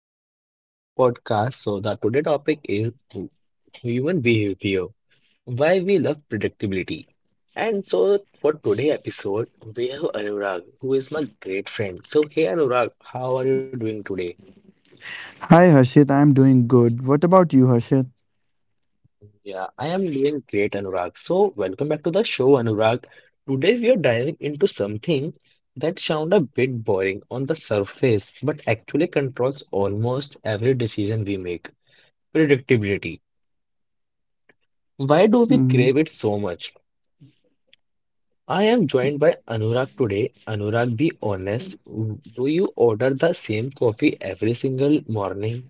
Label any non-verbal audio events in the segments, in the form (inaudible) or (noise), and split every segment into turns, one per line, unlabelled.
welcome back to the today podcast. So the today topic is human behavior, why we love predictability. And so for today episode, we have Anurag, who is my great friend. So hey Anurag, how are you doing today?
Hi Harshit, I'm doing good. What about you, Harshit?
Yeah, I am doing great, Anurag. So welcome back to the show, Anurag. Today we are diving into something that sound a bit boring on the surface, but actually controls almost every decision we make, predictability. Why do we crave it so
Mhm.
much? I am joined by Anurag today. Anurag, be honest, do you order the same coffee every single morning?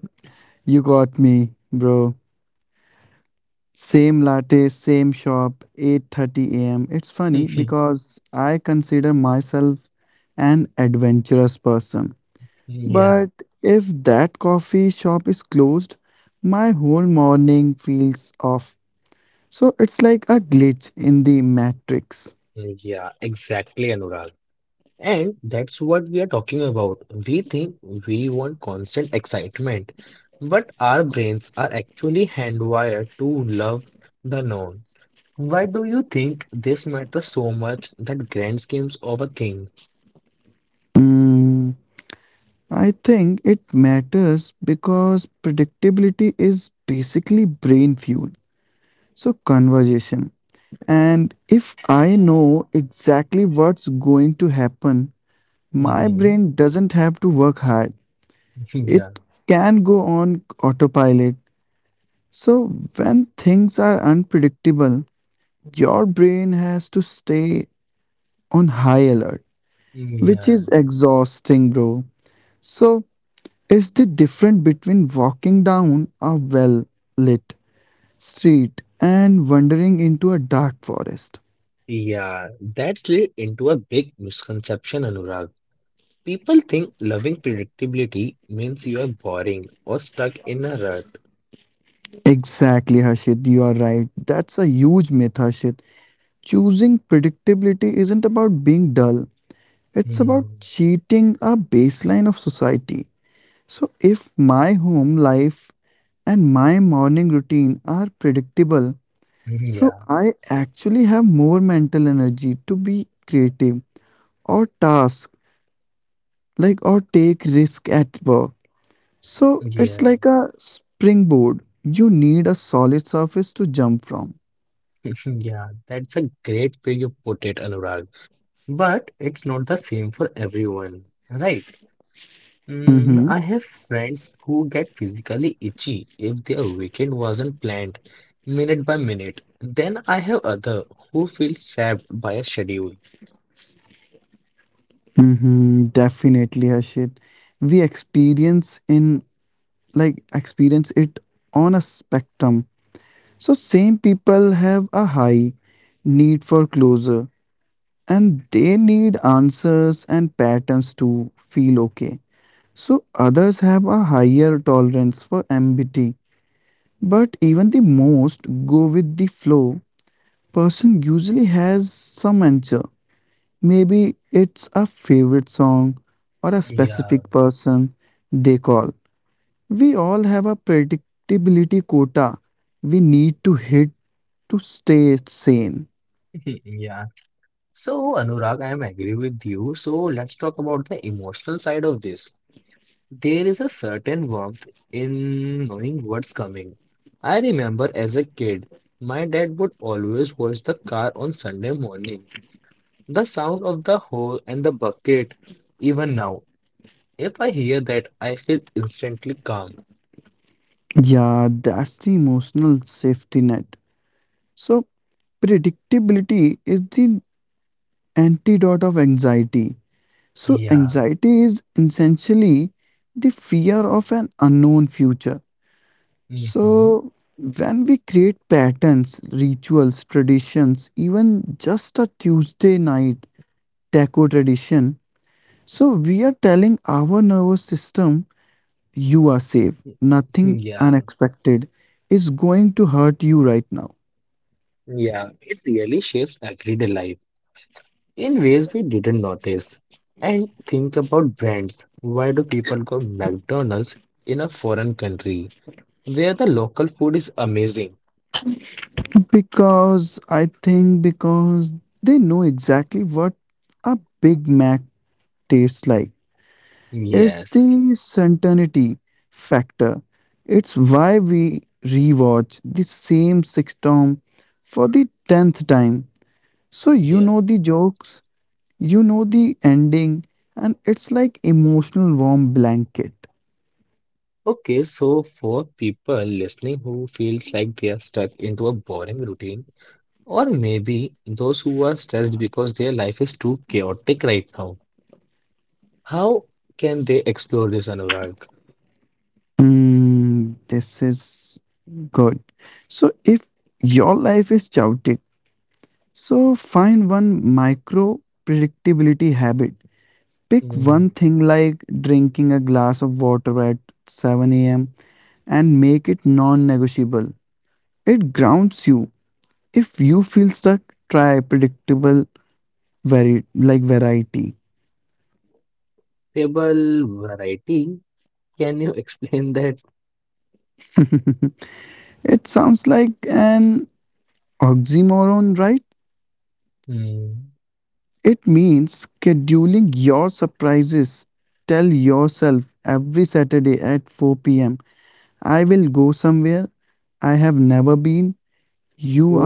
(laughs) You got me, bro. Same latte, same shop, 8:30 a.m.
(laughs)
It's funny because I consider myself an adventurous person.
Yeah,
But if that coffee shop is closed, my whole morning feels off. So it's like a glitch in the matrix.
yeah, exactly, Anurag. And that's what we are talking about. We think we want constant excitement, but our brains are actually hardwired to love the known. Why do you think this matters so much that grand schemes of a thing?
Mm. I think it matters because predictability is basically brain fuel. So, conversation. And if I know exactly what's going to happen,
Hmm
my brain doesn't have to work hard.
(laughs) Yeah,
It can go on autopilot. So, when things are unpredictable, your brain has to stay on high alert,
Yeah,
which is exhausting, bro. So, is the difference between walking down a well lit street and wandering into a dark forest.
Yeah, that's led into a big misconception, Anurag. People think loving predictability means you are boring or stuck in a rut.
Exactly, Harshit, you are right. That's a huge myth, Harshit. Choosing predictability isn't about being dull,
Hmm.
it's about cheating a baseline of society. So, if my home life and my morning routine are predictable,
hmm, Yeah,
so I actually have more mental energy to be creative or task like or take risk at work.
yeah,
So it's like a springboard. You need a solid surface to jump from.
(laughs) yeah. That's a great way you put it, Anurag. But it's not the same for everyone, right? Mm, I have
Mm-hmm.
friends who get physically itchy if their weekend wasn't planned minute by minute. Then I have other who feel trapped by a schedule.
Mm-hmm. Definitely, Harshit. We experience in like experience it on a spectrum. So same people have a high need for closure and they need answers and patterns to feel okay. So others have a higher tolerance for ambiguity. But even the most go with the flow person usually has some answer. Maybe it's a favorite song or a
Yeah.
specific person they call. We all have a predictability quota we need to hit to stay sane.
(laughs) Yeah. So, Anurag, I am agree with you. So, let's talk about the emotional side of this. There is a certain warmth in knowing what's coming. I remember as a kid, my dad would always wash the car on Sunday morning. The sound of the hose and the bucket, even now, if I hear that, I feel instantly calm.
Yeah, that's the emotional safety net. So, predictability is the antidote of anxiety.
Yeah.
So, anxiety is essentially the fear of an unknown future.
hmm
So, when we create patterns, rituals, traditions, even just a Tuesday night taco tradition, so we are telling our nervous system, you are
(laughs)
safe, nothing
Yeah.
unexpected is going to hurt you right now.
Yeah. It really shapes everyday life. In ways we didn't notice. And think about brands. Why do people go McDonald's in a foreign country where the local food is amazing?
Because I think because they know exactly what a Big Mac tastes like.
Yes.
It's the certainty factor. It's why we rewatch the same sitcom for the 10th time.
Yeah.
So you know the jokes, you know the ending, and it's like emotional warm blanket.
Okay, so for people listening who feels like they are stuck into a boring routine, or maybe those who are stressed because their life is too chaotic right now, how can they explore this, Anurag?
This is good. So if your life is chaotic, so find one micro predictability habit.
Mm.
Pick one thing like drinking a glass of water at 7 a.m. and make it non negotiable. It grounds you. If you feel stuck, try predictable variety.
Table variety, can you (laughs) explain that?
It sounds like an oxymoron, right?
Hmm.
It means scheduling your surprises. Tell yourself every Saturday at 4 p.m., I will go somewhere I have never been.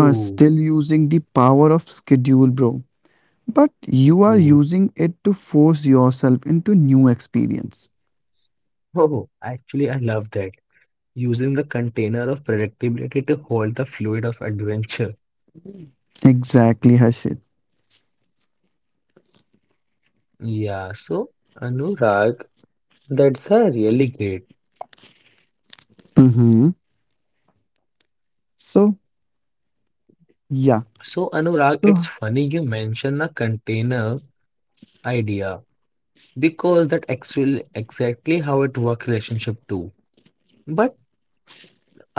You are still using the power of schedule, bro. But
ooh.
you are using it to force yourself into new experience.
Oh, actually, I love that. Using the container of predictability to hold the fluid of adventure.
Exactly, Harshit.
Yeah, so Anurag, that's a really great.
Mm-hmm. So, yeah.
So Anurag, it's funny
So,
you mention the container idea because that actually exactly how it work relationship too. But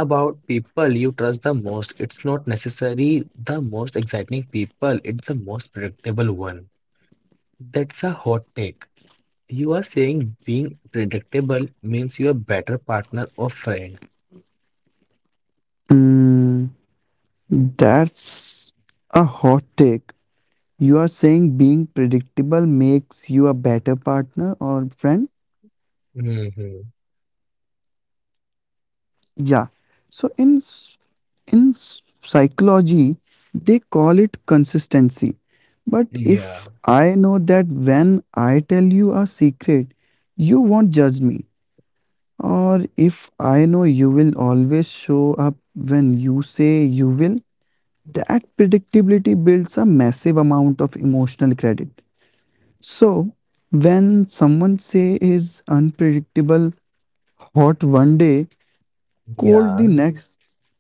about people you trust the most, it's not necessarily the most exciting people, it's the most predictable one. That's a hot take. You are saying being predictable means you're a better partner or friend.
mm, that's a hot take. You are saying being predictable makes you a better partner or friend?
Hmm
Yeah. So in psychology, they call it consistency. But
Yeah,
if I know that when I tell you a secret, you won't judge me, or if I know you will always show up when you say you will, that predictability builds a massive amount of emotional credit. So when someone say is unpredictable, hot one day,
yeah,
cold the next.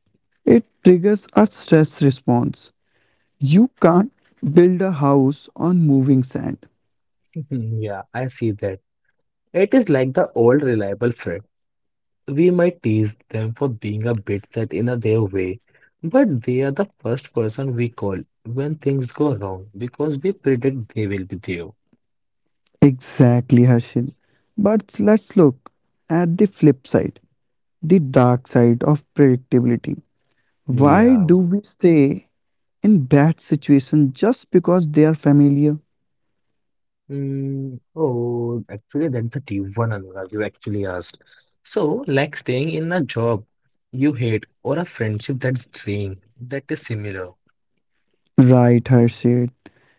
It triggers a stress response. You can't build a house on moving sand.
(laughs) yeah, I see that. It is like the old reliable friend. We might tease them for being a bit set in a their way, but they are the first person we call when things go wrong because we predict they will be there.
Exactly, Harshil. But let's look at the flip side, the dark side of predictability.
Yeah.
Why do we stay in bad situations just because they are familiar?
Mm, oh, actually, that's a deep one, Anurag. You actually asked. So, like staying in a job you hate or a friendship that's draining, that is similar.
Right, Harshil.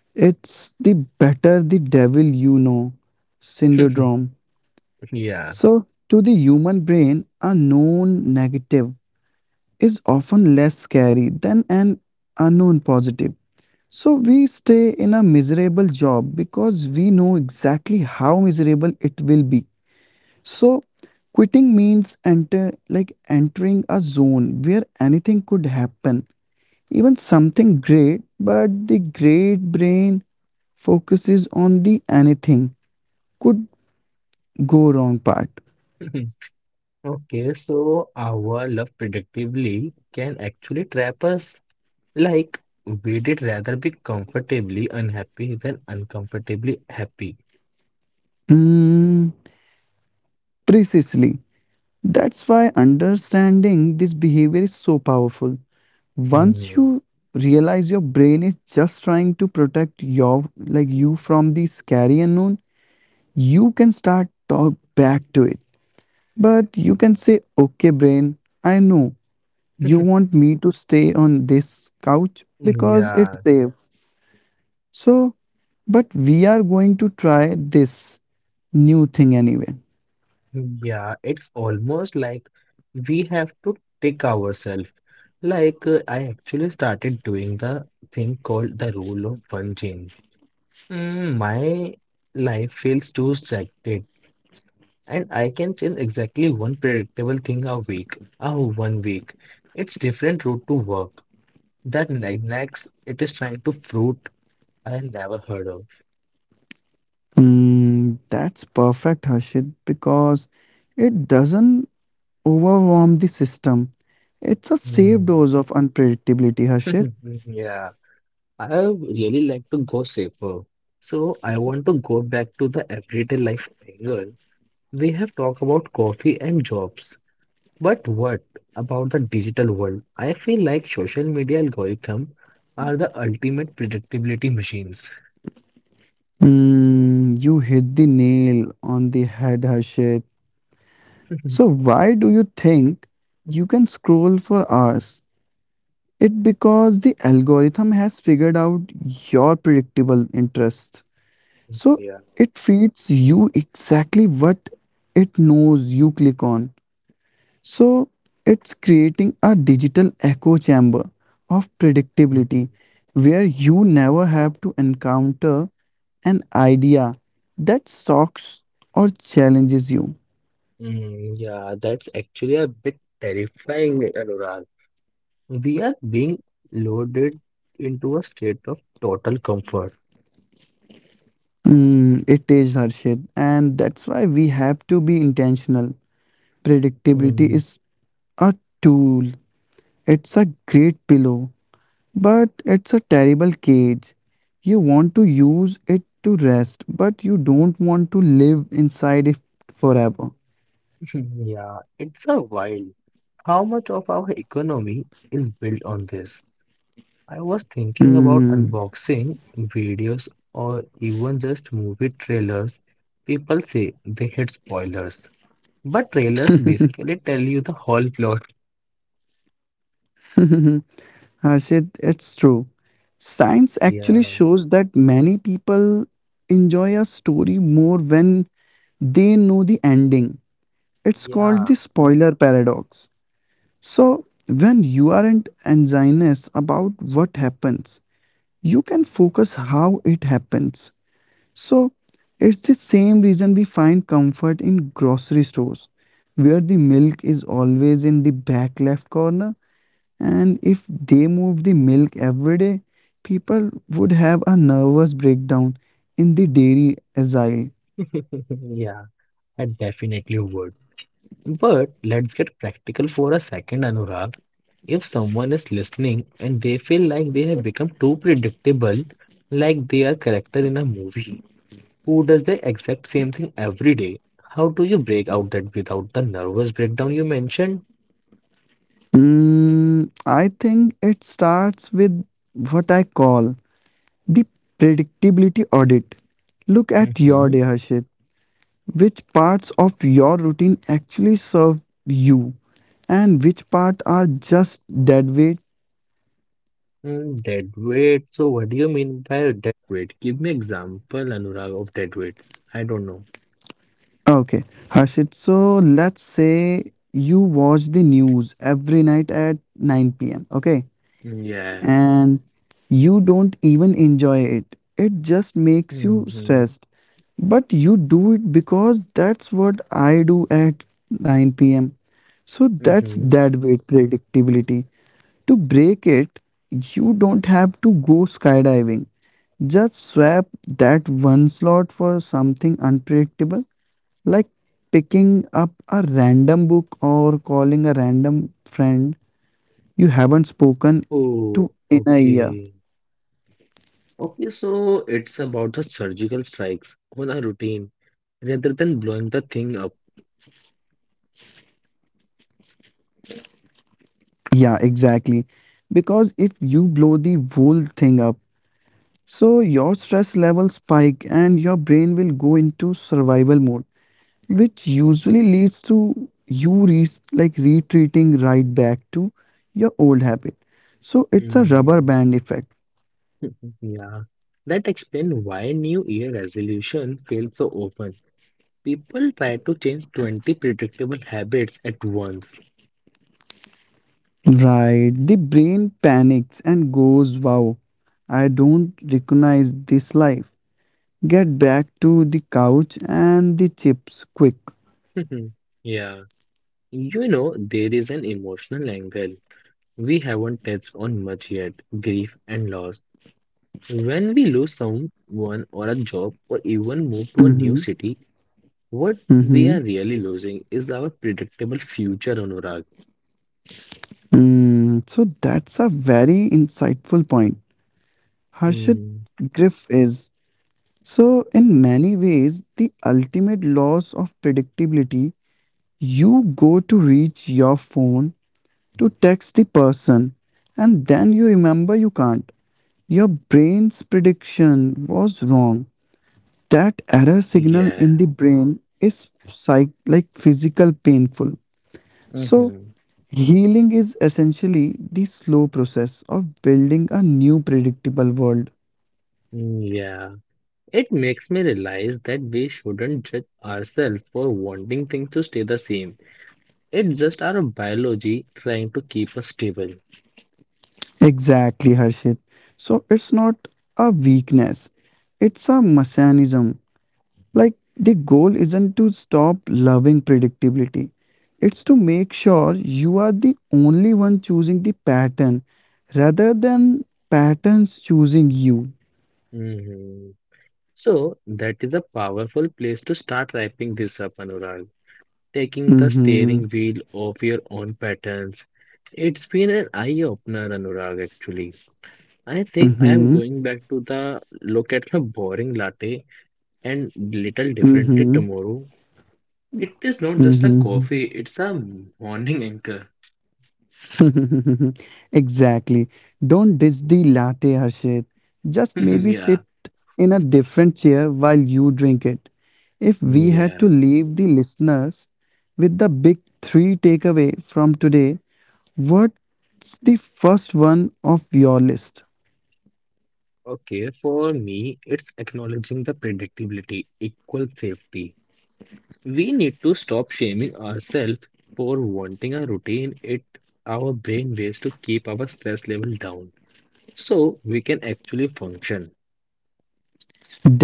It's the better the devil you know
(laughs)
syndrome.
Yeah.
So, to the human brain, a known negative is often less scary than an unknown positive. So we stay in a miserable job because we know exactly how miserable it will be. So quitting means entering a zone where anything could happen, even something great, but the great brain focuses on the anything could go wrong part.
(laughs) Okay, so our love predictably can actually trap us. Like, we'd rather be comfortably unhappy than uncomfortably happy.
Mm, Precisely. That's why understanding this behavior is so powerful.
Hmm.
Once you realize your brain is just trying to protect you from the scary unknown, you can start talk back to it. But you can say, "Okay, brain, I know you want me to stay on this couch
Yeah.
because it's safe. So, but we are going to try this new thing anyway."
Yeah, it's almost like we have to pick ourselves. Like, I actually started doing the thing called the rule of one change. Mm, my life feels too stagnant, and I can change exactly one predictable thing a week. Oh, 1 week. It's different route to work. Next, it is trying to fruit I never heard of.
That's perfect, Harshit, because it doesn't overwhelm the system. It's a
Mm.
safe dose of unpredictability, Harshit.
(laughs) Yeah. I really like to go safer. So I want to go back to the everyday life angle. We have talked about coffee and jobs. But what about the digital world? I feel like social media algorithm are the ultimate predictability machines.
You hit the nail on the head, Harshit.
(laughs)
So why do you think you can scroll for hours? It because the algorithm has figured out your predictable interests.
Yeah.
So it feeds you exactly what it knows you click on. So it's creating a digital echo chamber of
Mhm.
predictability where you never have to encounter an idea that shocks or challenges you.
Mm, yeah, that's actually a bit terrifying, Anurag. We are being loaded into a state of total comfort.
It is Harshit, and that's why we have to be intentional.
Mm,
Predictability is a tool, it's a great pillow. But it's a terrible cage. You want to use it to rest, but you don't want to live inside it forever.
(laughs) yeah, it's a wild. How much of our economy is built on this? I was thinking about
Hmm,
unboxing videos or even just movie trailers. People say they hate spoilers, but trailers basically tell you the whole plot.
Harshit, it's true. Science
Yeah,
actually shows that many people enjoy a story more when they know the ending. It's
yeah,
called the spoiler paradox. So, when you aren't anxious about what happens, you can focus how it happens. So, it's the same reason we find comfort in grocery stores, where the milk is always in the back left corner. And if they move the milk every day, people would have a nervous breakdown in the dairy aisle.
(laughs) yeah, I definitely would. But let's get practical for a second, Anurag. If someone is listening and they feel like they have become too predictable, like they are character in a movie, who does the exact same thing every day. How do you break out that without the nervous breakdown you mentioned?
I think it starts with what I call the predictability audit. Look at
Mm-hmm.
your day, Harshit. Which parts of your routine actually serve you and which part are just dead weight?
Mm, dead weight. So what do you mean by dead weight? Give me example, Anurag, of dead weights. I don't know.
Okay, Harshit. So let's say you watch the news every night at 9 pm. Okay,
Mm, Yeah.
and you don't even enjoy it. It just makes you
Mm-hmm.
stressed. But you do it because that's what I do at 9 pm. So
Mm-hmm.
that's that weight predictability. To break it, you don't have to go skydiving. Just swap that one slot for something unpredictable, like picking up a random book or calling a random friend you haven't spoken
Oh,
to in a
okay.
year.
Okay, so it's about the surgical strikes on a routine rather than blowing the thing up.
Yeah, exactly. Because if you blow the whole thing up, so your stress level spike and your brain will go into survival mode, which usually leads to you retreating right back to your old habit. So it's a rubber band
Mm,
effect.
yeah. That explains why New Year resolution fail so often. People try to change 20 predictable habits at once.
Right. The brain panics and goes, wow, I don't recognize this life. Get back to the couch and the chips quick.
(laughs) yeah. You know, there is an emotional angle we haven't touched on much yet grief and loss. When we lose someone or a job or even move to a new
Mm-hmm.
city, what we are
Mm-hmm.
really losing is our predictable future, Anurag.
So that's a very insightful point. Harshit,
Hmm.
Griff is. So, in many ways, the ultimate loss of predictability, you go to reach your phone to text the person, and then you remember you can't. Your brain's prediction was wrong. That error signal
Yeah.
in the brain is physical painful.
hmm
So healing is essentially the slow process of building a new predictable world.
Yeah, it makes me realize that we shouldn't judge ourselves for wanting things to stay the same. It's just our biology trying to keep us stable.
Exactly, Harshit. So it's not a weakness, it's a mechanism. Like, the goal isn't to stop loving predictability, it's to make sure you are the only one choosing the pattern rather than patterns choosing you.
Mhm. So, that is a powerful place to start wrapping this up, Anurag. Taking the steering
Mhm.
wheel of your own patterns. It's been an eye opener, Anurag, actually. I think I am
Mhm.
going back to the look at my boring latte and little differently
Mhm.
tomorrow. It is not just a coffee,
Mhm.
it's a morning anchor.
(laughs) Exactly. Don't dish the latte, Harshit.
(laughs)
Just maybe
yeah,
sit in a different chair while you drink it. If we
yeah.
had to leave the listeners with the big three takeaway from today, what's the first one of your list?
Okay, for me, it's acknowledging the predictability equal safety. We need to stop shaming ourselves for wanting a routine. It our brain ways to keep our stress level down so we can actually function.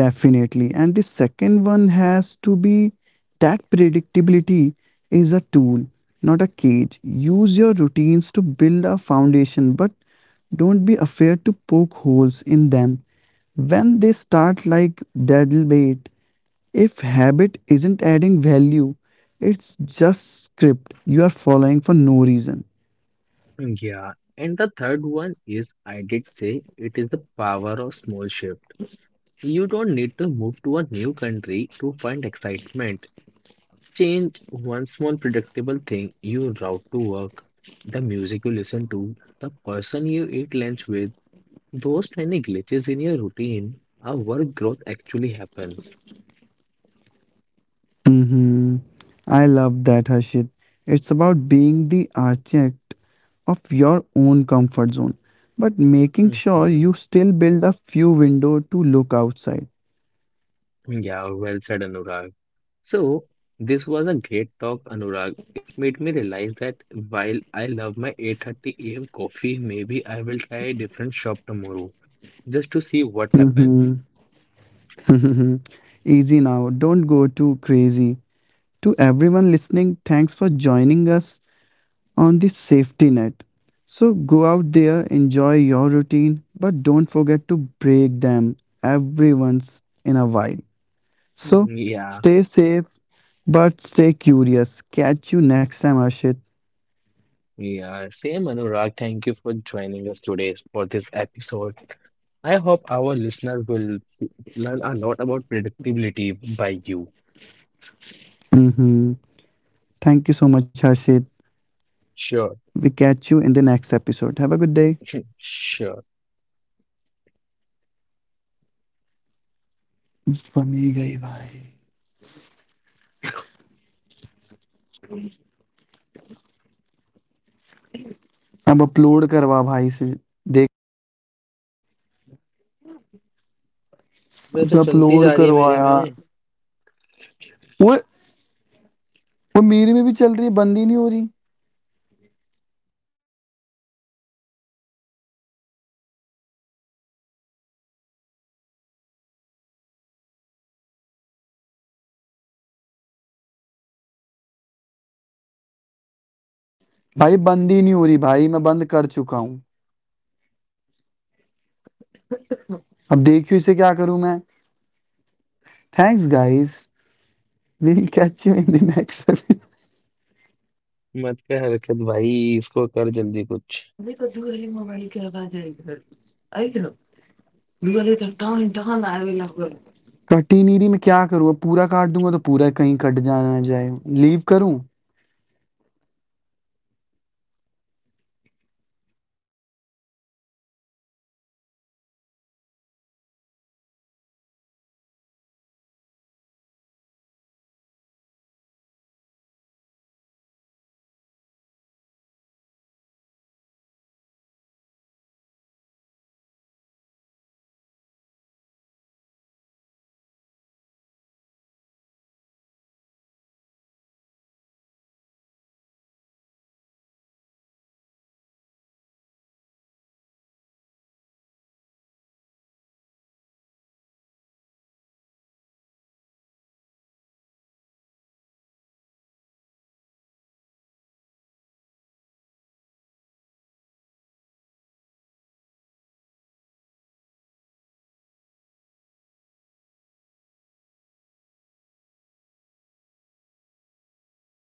Definitely. And the second one has to be that predictability is a tool, not a cage. Use your routines to build a foundation, but don't be afraid to poke holes in them. When they start like deadly bait, if habit isn't adding value, it's just script you are following for no reason.
Yeah, and the third one is I did say it is the power of small shift. You don't need to move to a new country to find excitement. Change one small predictable thing you route to work, the music you listen to, the person you eat lunch with. Those tiny glitches in your routine are where growth actually happens.
Mm-hmm. I love that, Harshit. It's about being the architect of your own comfort zone, but making sure
hmm
you still build a few window to look outside.
Yeah, well said, Anurag. So, this was a great talk, Anurag. It made me realize that while I love my 8:30 a.m. coffee, maybe I will try a different shop tomorrow just to see what happens.
Mm-hmm. (laughs) Easy now. Don't go too crazy. To everyone listening, thanks for joining us on the safety net. So go out there, enjoy your routine, but don't forget to break them every once in a while. So
Yeah.
stay safe, but stay curious. Catch you next time, Ashit.
We are same Anurag. Thank you for joining us today for this episode. I hope our listeners will learn a lot about predictability by you.
Uh huh. Thank you so much, Ashit.
Sure
We catch you in the next episode. Have a good day.
Sure (laughs)
बनी गई भाई, अब upload करवा भाई से, देख.
अबे
अब
तो चलती जा
upload
रही है मेरे
करवाया.
में
वो मेरी में भी चल रही है, बंदी नहीं हो रही. भाई बंदी नहीं हो रही भाई, मैं बंद कर चुका हूँ. अब देखियो इसे, क्या करूँ मैं. Thanks guys, we catch you in the
मत कर हरकत भाई इसको कर जल्दी कुछ
next. Literally, done, done. I will not go. Cut ही नहीं रही, मैं क्या करूँ अब, पूरा काट दूंगा तो पूरा कहीं कट जाना जाए. लीव करूँ.